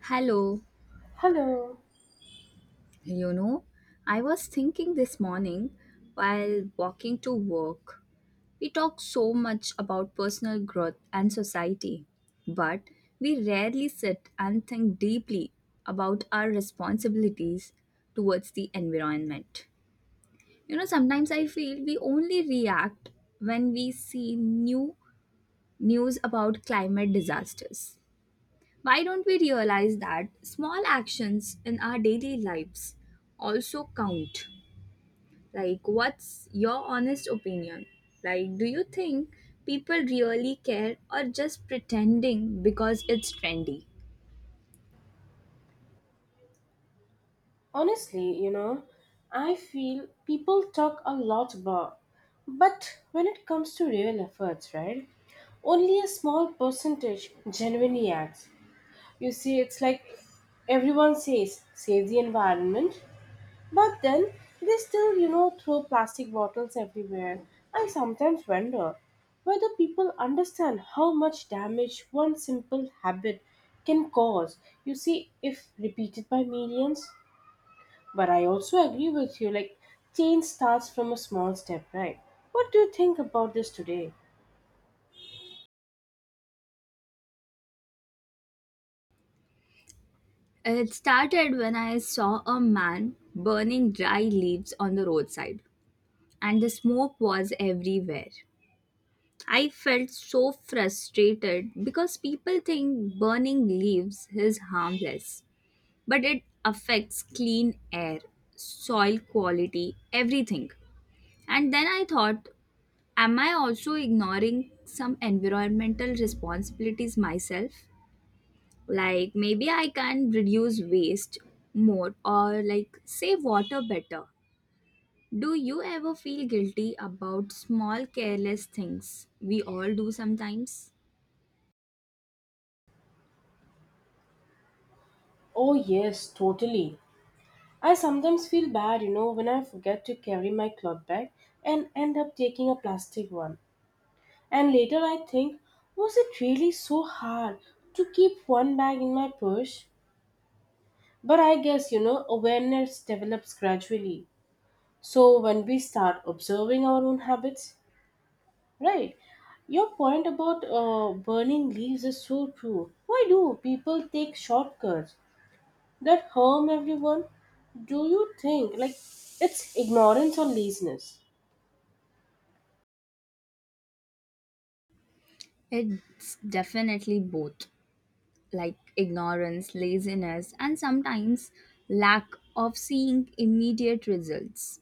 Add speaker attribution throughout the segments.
Speaker 1: Hello,
Speaker 2: Hello.
Speaker 1: you know, I was thinking this morning while walking to work. We talk so much about personal growth and society, but we rarely sit and think deeply about our responsibilities towards the environment. You know, sometimes I feel we only react when we see news about climate disasters. Why don't we realize that small actions in our daily lives also count? Like, what's your honest opinion? Like, do you think people really care or just pretending because it's trendy?
Speaker 2: Honestly, I feel people talk a lot about, but when it comes to real efforts, right? Only a small percentage genuinely acts. You see, it's like everyone says, save the environment, but then they still, throw plastic bottles everywhere. I sometimes wonder whether people understand how much damage one simple habit can cause. You see, if repeated by millions, but I also agree with you, like, change starts from a small step, right? What do you think about this today?
Speaker 1: It started when I saw a man burning dry leaves on the roadside, and the smoke was everywhere. I felt so frustrated because people think burning leaves is harmless, but it affects clean air, soil quality, everything. And then I thought, am I also ignoring some environmental responsibilities myself? Like maybe I can reduce waste more or like save water better. Do you ever feel guilty about small careless things we all do sometimes?
Speaker 2: Oh, yes, totally. I sometimes feel bad, when I forget to carry my cloth bag and end up taking a plastic one. And later I think, was it really so hard to keep one bag in my purse? But I guess, awareness develops gradually. So when we start observing our own habits. Right. Your point about burning leaves is so true. Why do people take shortcuts that harm everyone? Do you think like it's ignorance or laziness?
Speaker 1: It's definitely both. Like ignorance, laziness, and sometimes lack of seeing immediate results.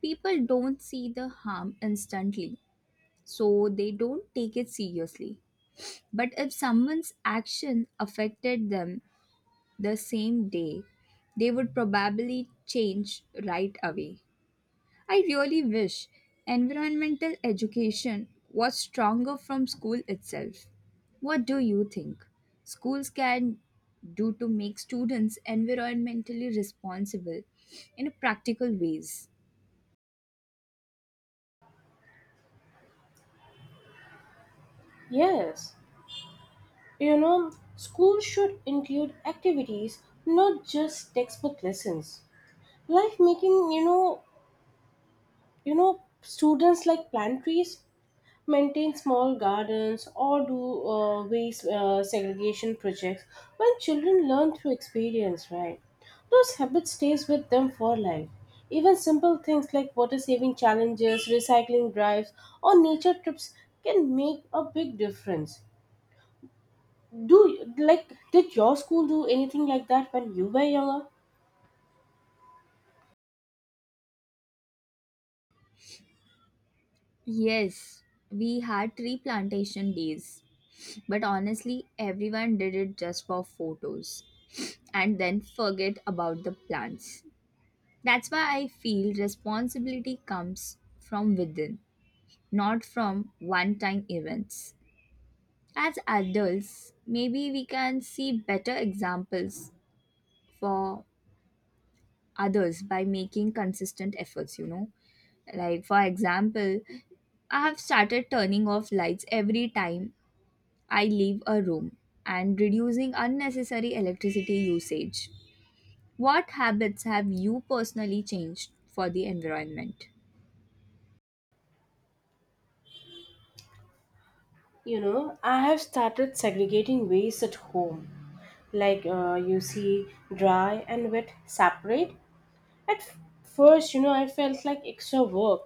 Speaker 1: People don't see the harm instantly, so they don't take it seriously. But if someone's action affected them the same day, they would probably change right away. I really wish environmental education was stronger from school itself. What do you think schools can do to make students environmentally responsible in practical ways?
Speaker 2: Yes. You know, schools should include activities, not just textbook lessons. Like making, students like plant trees, maintain small gardens, or do waste segregation projects. When children learn through experience, right, those habits stays with them for life. Even simple things like water saving challenges, recycling drives, or nature trips can make a big difference. Do Like, did your school do anything like that when you were younger?
Speaker 1: Yes, we had tree plantation days, but honestly, everyone did it just for photos and then forget about the plants. That's why I feel responsibility comes from within, not from one time events. As adults, maybe we can see better examples for others by making consistent efforts, you know. Like, for example, I have started turning off lights every time I leave a room and reducing unnecessary electricity usage. What habits have you personally changed for the environment?
Speaker 2: I have started segregating waste at home, like, you see, dry and wet separate. At first, I felt like extra work,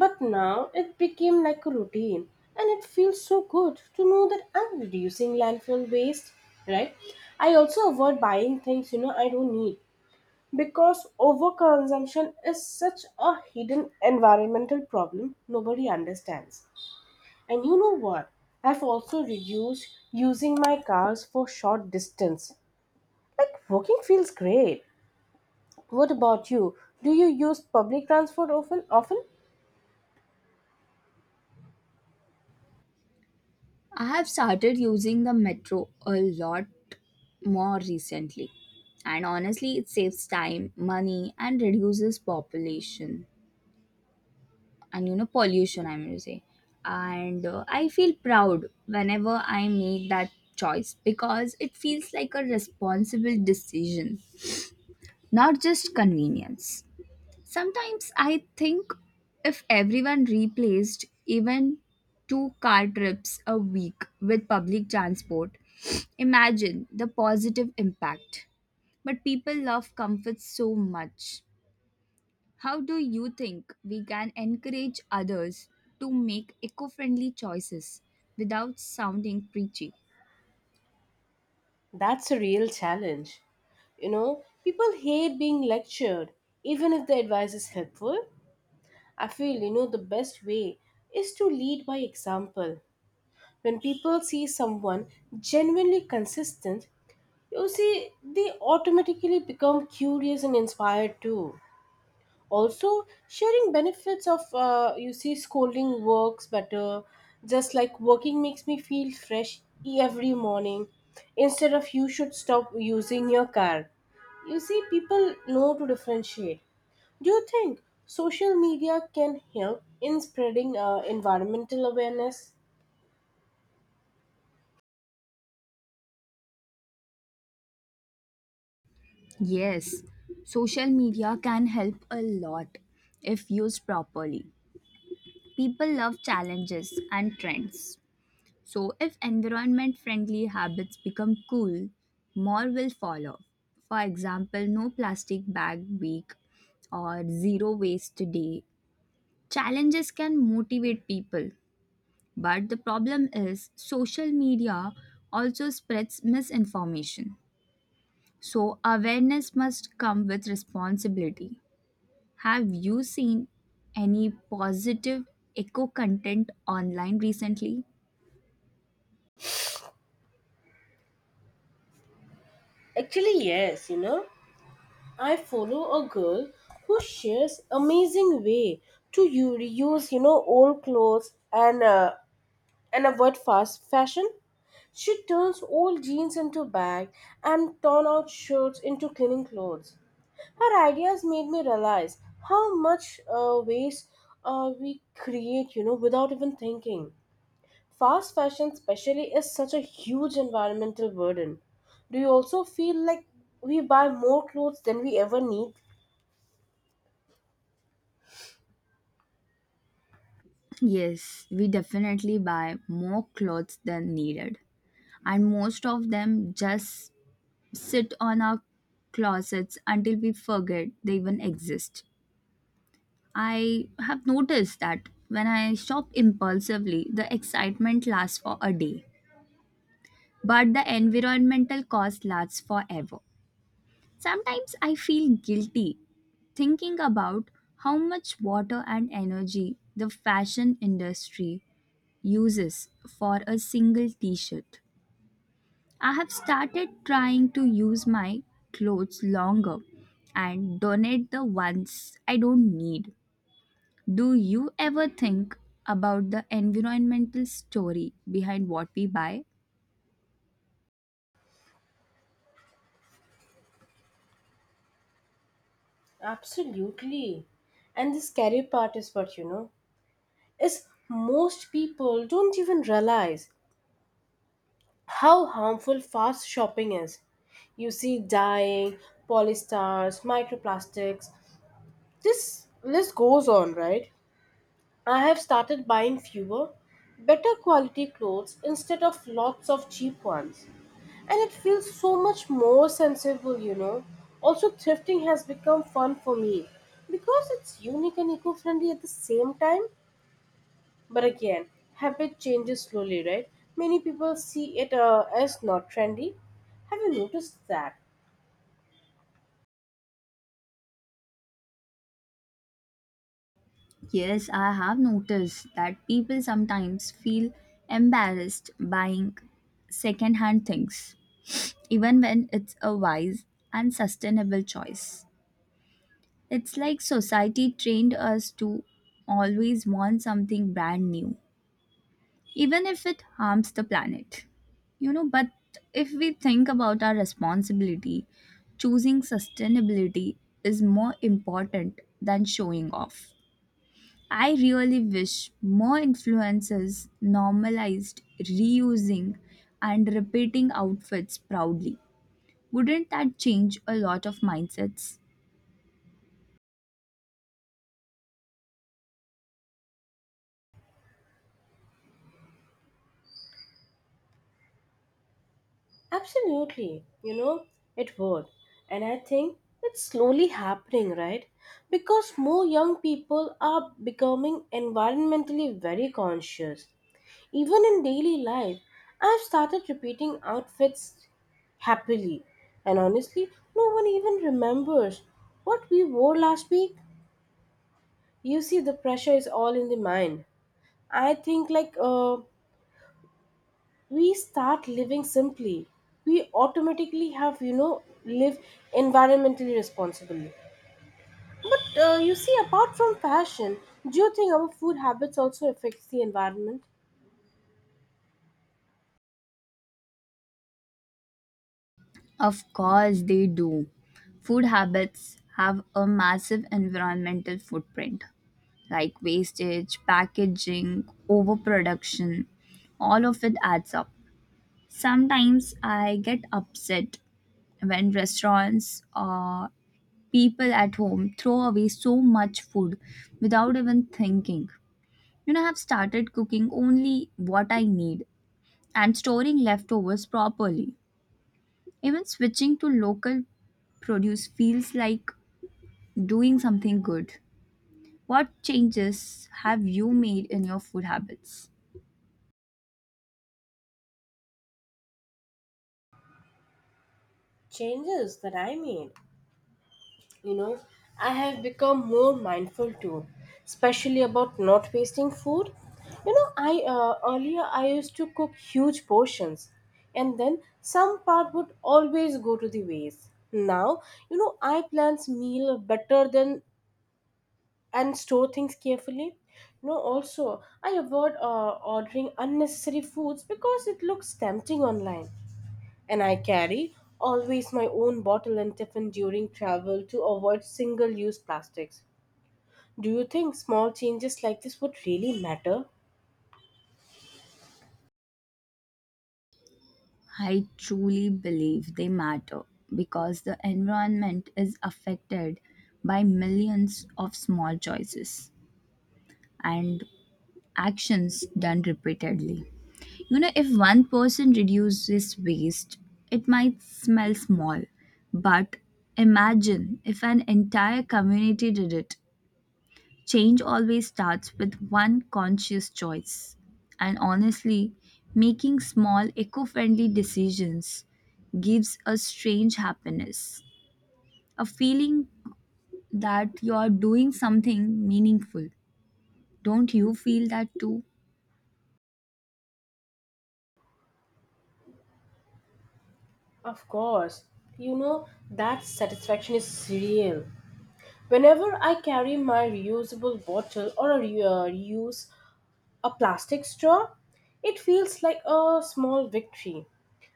Speaker 2: but now it became like a routine, and it feels so good to know that I'm reducing landfill waste, right? I also avoid buying things, I don't need, because overconsumption is such a hidden environmental problem nobody understands. And you know what? I've also reduced using my cars for short distance. Like, walking feels great. What about you? Do you use public transport often? Often?
Speaker 1: I have started using the metro a lot more recently. And honestly, it saves time, money, and reduces population and pollution. I'm gonna say, and I feel proud whenever I make that choice because it feels like a responsible decision, not just convenience. Sometimes I think if everyone replaced even two car trips a week with public transport, imagine the positive impact. But people love comfort so much. How do you think we can encourage others to make eco friendly choices without sounding preachy?
Speaker 2: That's a real challenge. People hate being lectured, even if the advice is helpful. I feel, the best way is to lead by example. When people see someone genuinely consistent, you see, they automatically become curious and inspired too. Also, sharing benefits of, you see, scolding works better, just like working makes me feel fresh every morning, instead of you should stop using your car. You see, people know to differentiate. Do you think social media can help in spreading environmental awareness?
Speaker 1: Yes, social media can help a lot if used properly. People love challenges and trends. So, if environment friendly habits become cool, more will follow. For example, no plastic bag week or zero waste day. Challenges can motivate people, but the problem is social media also spreads misinformation. So, awareness must come with responsibility. Have you seen any positive eco content online recently?
Speaker 2: Actually, yes, I follow a girl who shares amazing way to reuse, old clothes, and avoid fast fashion. She turns old jeans into bags and torn out shirts into cleaning clothes. Her ideas made me realize how much waste we create, without even thinking. Fast fashion, especially, is such a huge environmental burden. Do you also feel like we buy more clothes than we ever need?
Speaker 1: Yes, we definitely buy more clothes than needed, and most of them just sit on our closets until we forget they even exist. I have noticed that when I shop impulsively, the excitement lasts for a day, but the environmental cost lasts forever. Sometimes I feel guilty thinking about how much water and energy the fashion industry uses for a single t shirt. I have started trying to use my clothes longer and donate the ones I don't need. Do you ever think about the environmental story behind what we buy?
Speaker 2: Absolutely. And the scary part is what you know is most people don't even realize how harmful fast shopping is. You see, dyeing, polystars, microplastics. This list goes on, right? I have started buying fewer, better quality clothes instead of lots of cheap ones. And it feels so much more sensible. Also, thrifting has become fun for me because it's unique and eco friendly at the same time. But again, habit changes slowly, right? Many people see it as not trendy. Have you noticed that?
Speaker 1: Yes, I have noticed that people sometimes feel embarrassed buying secondhand things, even when it's a wise and sustainable choice. It's like society trained us to always want something brand new, even if it harms the planet. You know, but if we think about our responsibility, choosing sustainability is more important than showing off. I really wish more influencers normalized reusing and repeating outfits proudly. Wouldn't that change a lot of mindsets?
Speaker 2: Absolutely. It would. And I think it's slowly happening, right? Because more young people are becoming environmentally very conscious. Even in daily life, I've started repeating outfits happily. And honestly, no one even remembers what we wore last week. You see, the pressure is all in the mind. I think, like, we start living simply, we automatically have live environmentally responsibly. But you see, apart from fashion, do you think our food habits also affects the environment?
Speaker 1: Of course, they do. Food habits have a massive environmental footprint, like wastage, packaging, overproduction. All of it adds up. Sometimes I get upset when restaurants or people at home throw away so much food without even thinking. You know, I've started cooking only what I need and storing leftovers properly. Even switching to local produce feels like doing something good. What changes have you made in your food habits?
Speaker 2: Changes that I made. You know, I have become more mindful too, especially about not wasting food. You know, I earlier I used to cook huge portions, and then some part would always go to the waste. Now, I plan meal better than and store things carefully. Also, I avoid ordering unnecessary foods because it looks tempting online, and I carry always my own bottle and tiffin during travel to avoid single use plastics. Do you think small changes like this would really matter?
Speaker 1: I truly believe they matter because the environment is affected by millions of small choices and actions done repeatedly. You know, if one person reduces waste, it might smell small, but imagine if an entire community did it. Change always starts with one conscious choice. And honestly, making small eco friendly decisions gives a strange happiness, a feeling that you are doing something meaningful. Don't you feel that too?
Speaker 2: Of course, you know that satisfaction is real. Whenever I carry my reusable bottle or a reuse a plastic straw, it feels like a small victory.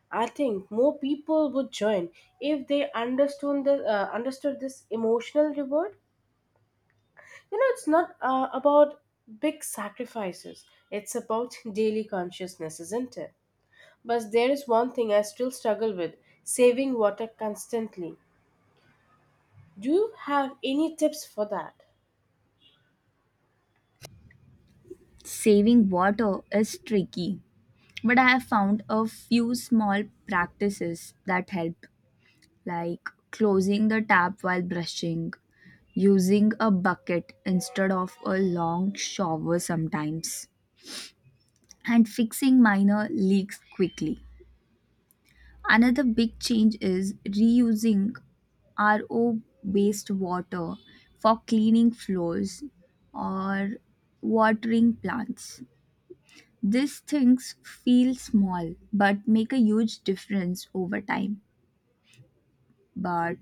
Speaker 2: I think more people would join if they understood this emotional reward. It's not about big sacrifices, it's about daily consciousness, isn't it? But there is one thing I still struggle with, saving water constantly. Do you have any tips for that?
Speaker 1: Saving water is tricky, but I have found a few small practices that help, like closing the tap while brushing, using a bucket instead of a long shower sometimes, and fixing minor leaks quickly. Another big change is reusing RO based water for cleaning floors or watering plants. These things feel small but make a huge difference over time. But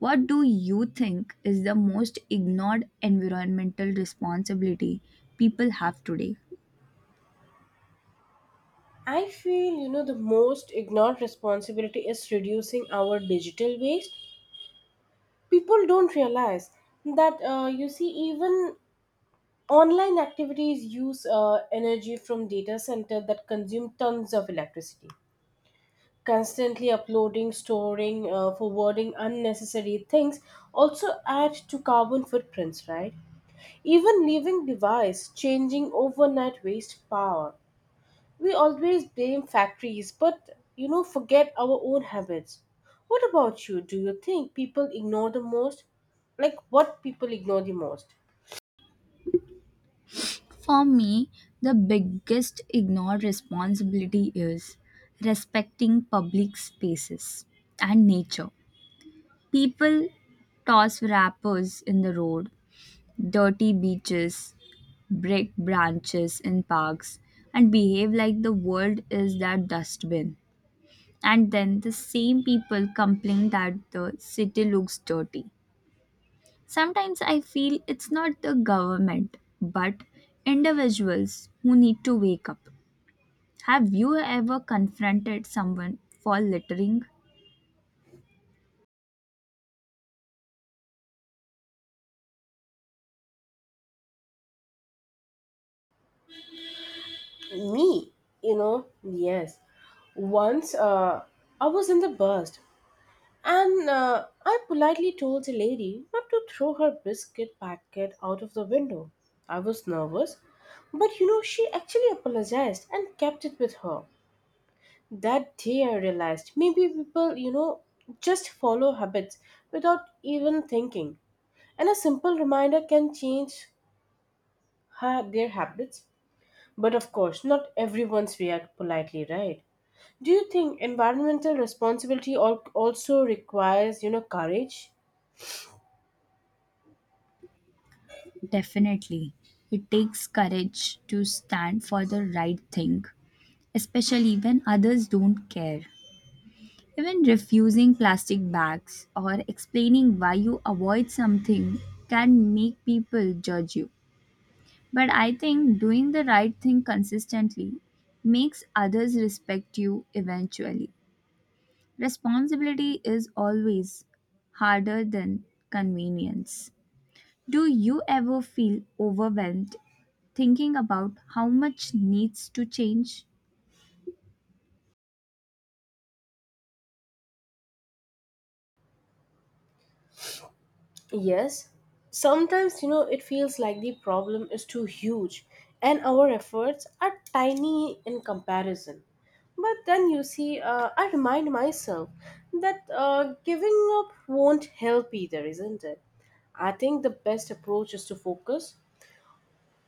Speaker 1: what do you think is the most ignored environmental responsibility people have today?
Speaker 2: I feel, the most ignored responsibility is reducing our digital waste. People don't realize that, you see, even online activities use energy from data center that consume tons of electricity. Constantly uploading, storing, forwarding unnecessary things also add to carbon footprints, right? Even leaving device, changing overnight waste power. We always blame factories, but forget our own habits. What about you? Do you think people ignore the most? Like, what people ignore the most?
Speaker 1: For me, the biggest ignored responsibility is respecting public spaces and nature. People toss wrappers in the road, dirty beaches, break branches in parks, and behave like the world is their dustbin. And then the same people complain that the city looks dirty. Sometimes I feel it's not the government, but individuals who need to wake up. Have you ever confronted someone for littering?
Speaker 2: Me, yes. Once, I was in the bus. And I politely told the lady not to throw her biscuit packet out of the window. I was nervous, but she actually apologized and kept it with her. That day I realized maybe people, just follow habits without even thinking. And a simple reminder can change their habits. But of course, not everyone's react politely, right? Do you think environmental responsibility also requires, courage?
Speaker 1: Definitely. It takes courage to stand for the right thing, especially when others don't care. Even refusing plastic bags or explaining why you avoid something can make people judge you. But I think doing the right thing consistently makes others respect you eventually. Responsibility is always harder than convenience. Do you ever feel overwhelmed thinking about how much needs to change?
Speaker 2: Yes, sometimes it feels like the problem is too huge, and our efforts are tiny in comparison. But then you see, I remind myself that giving up won't help either, isn't it? I think the best approach is to focus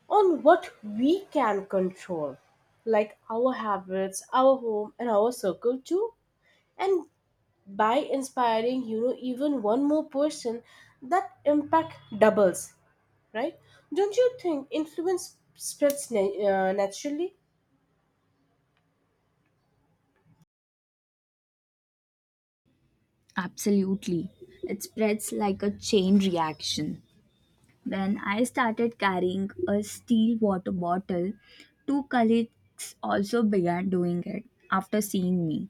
Speaker 2: on what we can control, like our habits, our home, and our circle too, and by inspiring, even one more person, that impact doubles, right? Don't you think influence spreads naturally?
Speaker 1: Absolutely. It spreads like a chain reaction. When I started carrying a steel water bottle, two colleagues also began doing it after seeing me.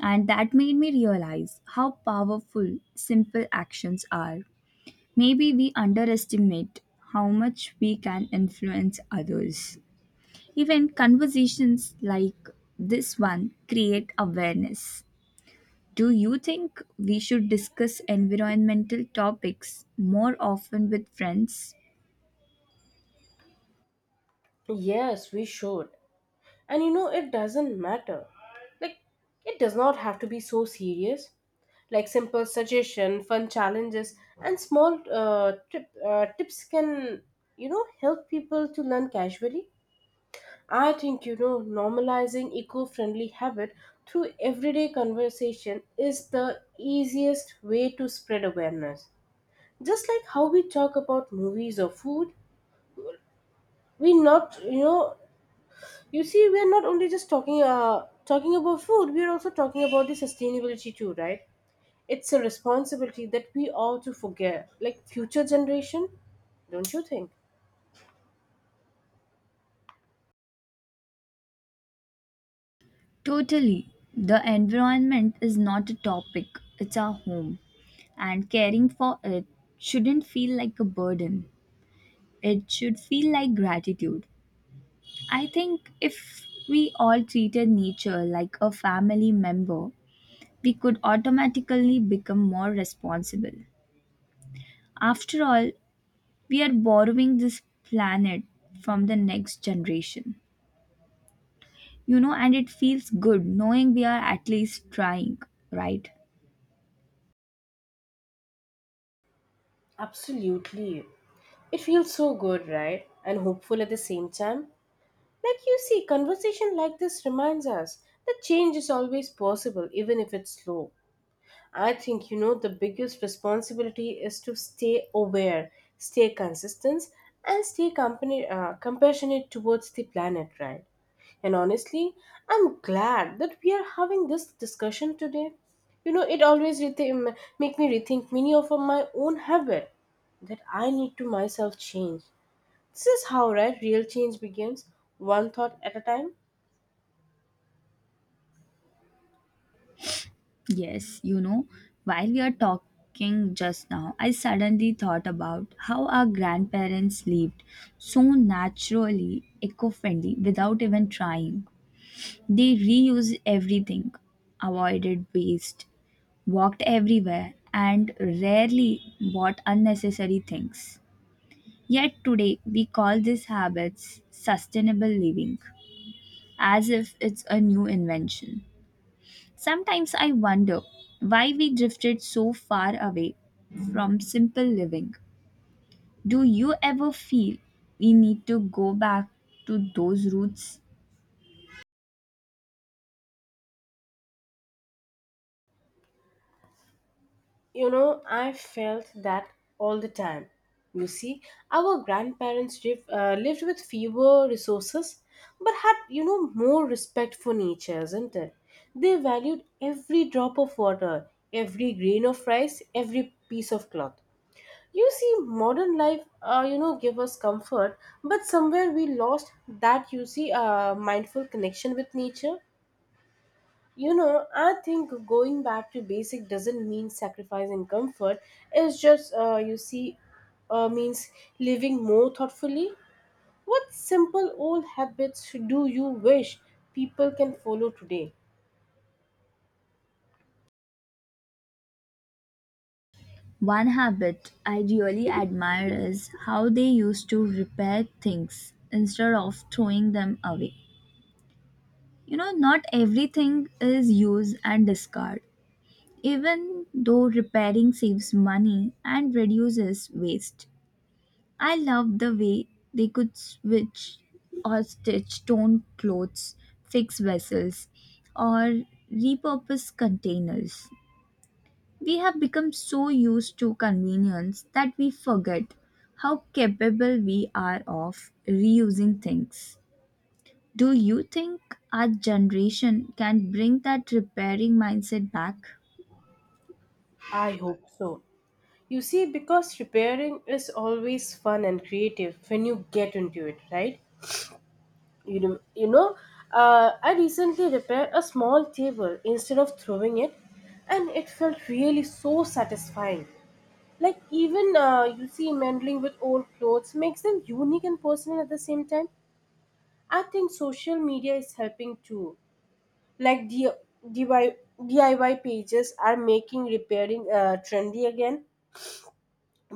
Speaker 1: And that made me realize how powerful simple actions are. Maybe we underestimate how much we can influence others. Even conversations like this one create awareness. Do you think we should discuss environmental topics more often with friends?
Speaker 2: Yes, we should. And, it doesn't matter, like, it does not have to be so serious. Like, simple suggestion, fun challenges, and small tips can, help people to learn casually. I think, normalizing eco-friendly habit through everyday conversation is the easiest way to spread awareness. Just like how we talk about movies or food, we not you know you see we are not only just talking about food, we are also talking about the sustainability too, right? It's a responsibility that we ought to forget, like future generation, don't you think?
Speaker 1: Totally. The environment is not a topic, it's our home. And caring for it shouldn't feel like a burden, it should feel like gratitude. I think if we all treated nature like a family member, we could automatically become more responsible. After all, we are borrowing this planet from the next generation. You know, and it feels good knowing we are at least trying, right?
Speaker 2: Absolutely. It feels so good, right? And hopeful at the same time. Like, you see, conversation like this reminds us that change is always possible, even if it's slow. I think, the biggest responsibility is to stay aware, stay consistent, and stay compassionate towards the planet, right? And honestly, I'm glad that we are having this discussion today. It always make me rethink many of my own habit that I need to myself change. This is how right real change begins, one thought at a time.
Speaker 1: Yes, you know, while we are talking just now, I suddenly thought about how our grandparents lived so naturally, eco friendly, without even trying. They reused everything, avoided waste, walked everywhere, and rarely bought unnecessary things. Yet today we call these habits sustainable living, as if it's a new invention. Sometimes I wonder why we drifted so far away from simple living. Do you ever feel we need to go back to those roots?
Speaker 2: I felt that all the time. You see, our grandparents lived with fewer resources, but had more respect for nature, isn't it? They valued every drop of water, every grain of rice, every piece of cloth. You see, modern life, give us comfort, but somewhere we lost that. You see, mindful connection with nature. I think going back to basic doesn't mean sacrificing comfort. It's just, you see, means living more thoughtfully. What simple old habits do you wish people can follow today?
Speaker 1: One habit I really admire is how they used to repair things instead of throwing them away. You know, not everything is use and discard. Even though repairing saves money and reduces waste, I love the way they could switch or stitch torn clothes, fix vessels, or repurpose containers. We have become so used to convenience that we forget how capable we are of reusing things. Do you think our generation can bring that repairing mindset back?
Speaker 2: I hope so. You see, because repairing is always fun and creative when you get into it, right? You know, you know I recently repaired a small table instead of throwing it, and it felt really so satisfying. Like, even you see, meddling with old clothes makes them unique and personal at the same time. I think social media is helping too. Like, DIY pages are making repairing trendy again,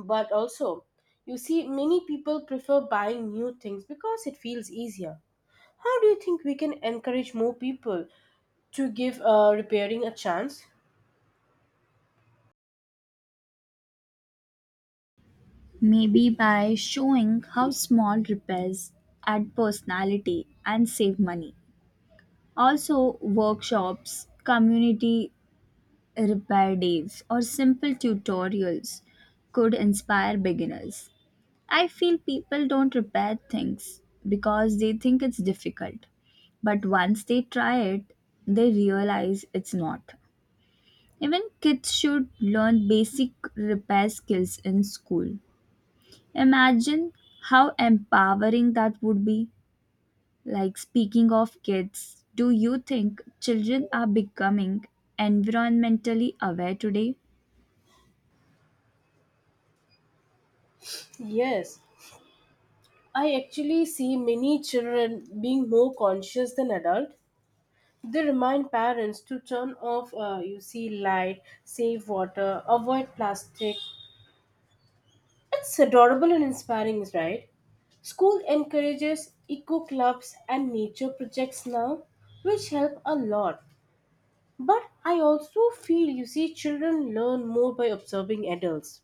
Speaker 2: but also, you see, many people prefer buying new things because it feels easier. How do you think we can encourage more people to give repairing a chance?
Speaker 1: Maybe by showing how small repairs add personality and save money. Also, workshops, community repair days, or simple tutorials could inspire beginners. I feel people don't repair things because they think it's difficult, but once they try it, they realize it's not. Even kids should learn basic repair skills in school. Imagine how empowering that would be. Like, speaking of kids, do you think children are becoming environmentally aware today?
Speaker 2: Yes, I actually see many children being more conscious than adult. They remind parents to turn off, you see, light, save water, avoid plastic. It's adorable and inspiring, right? School encourages eco clubs and nature projects now, which help a lot. But I also feel, you see, children learn more by observing adults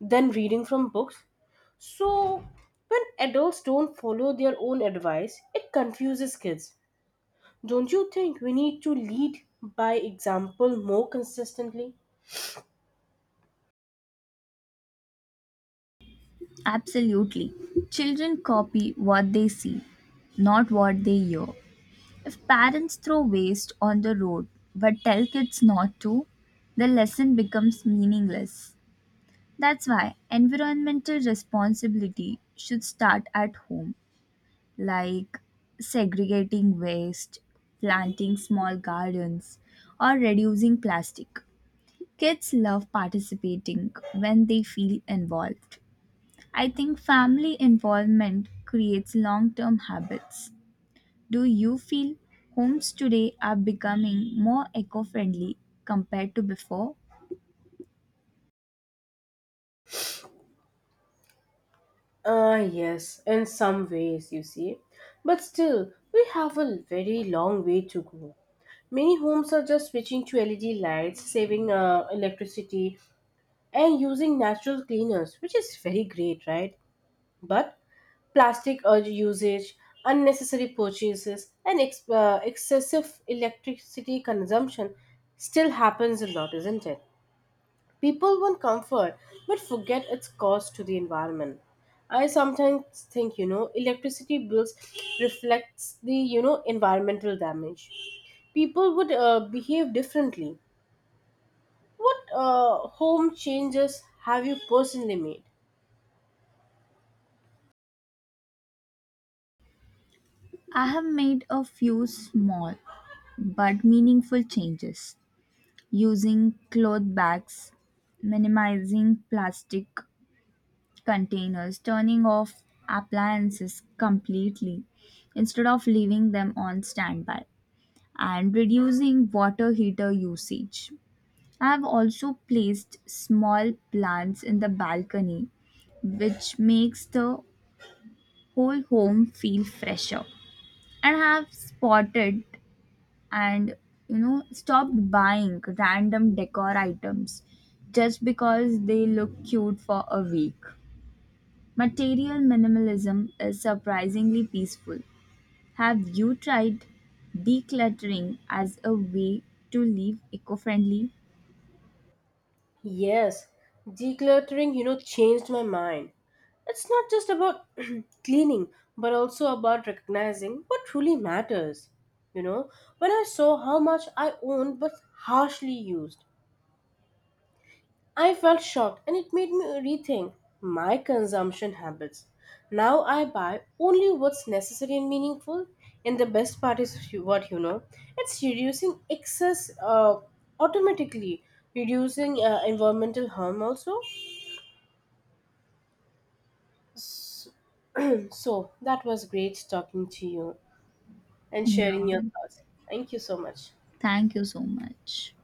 Speaker 2: than reading from books. So when adults don't follow their own advice, it confuses kids. Don't you think we need to lead by example more consistently?
Speaker 1: Absolutely. Children copy what they see, not what they hear. If parents throw waste on the road but tell kids not to, the lesson becomes meaningless. That's why environmental responsibility should start at home. Like segregating waste, planting small gardens, or reducing plastic. Kids love participating when they feel involved. I think family involvement creates long term habits. Do you feel homes today are becoming more eco friendly compared to before?
Speaker 2: Ah, yes, in some ways, you see. But still, we have a very long way to go. Many homes are just switching to LED lights, saving electricity, and using natural cleaners, which is very great, right? But plastic urge usage, unnecessary purchases, and excessive electricity consumption still happens a lot, isn't it? People want comfort but forget its cost to the environment. I sometimes think, electricity bills reflects the, environmental damage. People would behave differently. What home changes have you personally made?
Speaker 1: I have made a few small but meaningful changes. Using cloth bags, minimizing plastic containers, turning off appliances completely instead of leaving them on standby, and reducing water heater usage. I have also placed small plants in the balcony, which makes the whole home feel fresher. And I have spotted and stopped buying random decor items just because they look cute for a week. Material minimalism is surprisingly peaceful. Have you tried decluttering as a way to live eco-friendly?
Speaker 2: Yes, decluttering, changed my mind. It's not just about cleaning, but also about recognizing what truly matters. You know, when I saw how much I owned but harshly used, I felt shocked and it made me rethink my consumption habits. Now I buy only what's necessary and meaningful, and the best part is you- what you know it's reducing excess, automatically reducing environmental harm also. So so that was great talking to you and
Speaker 1: Yeah,
Speaker 2: sharing your thoughts. Thank you so much.
Speaker 1: thank you so much.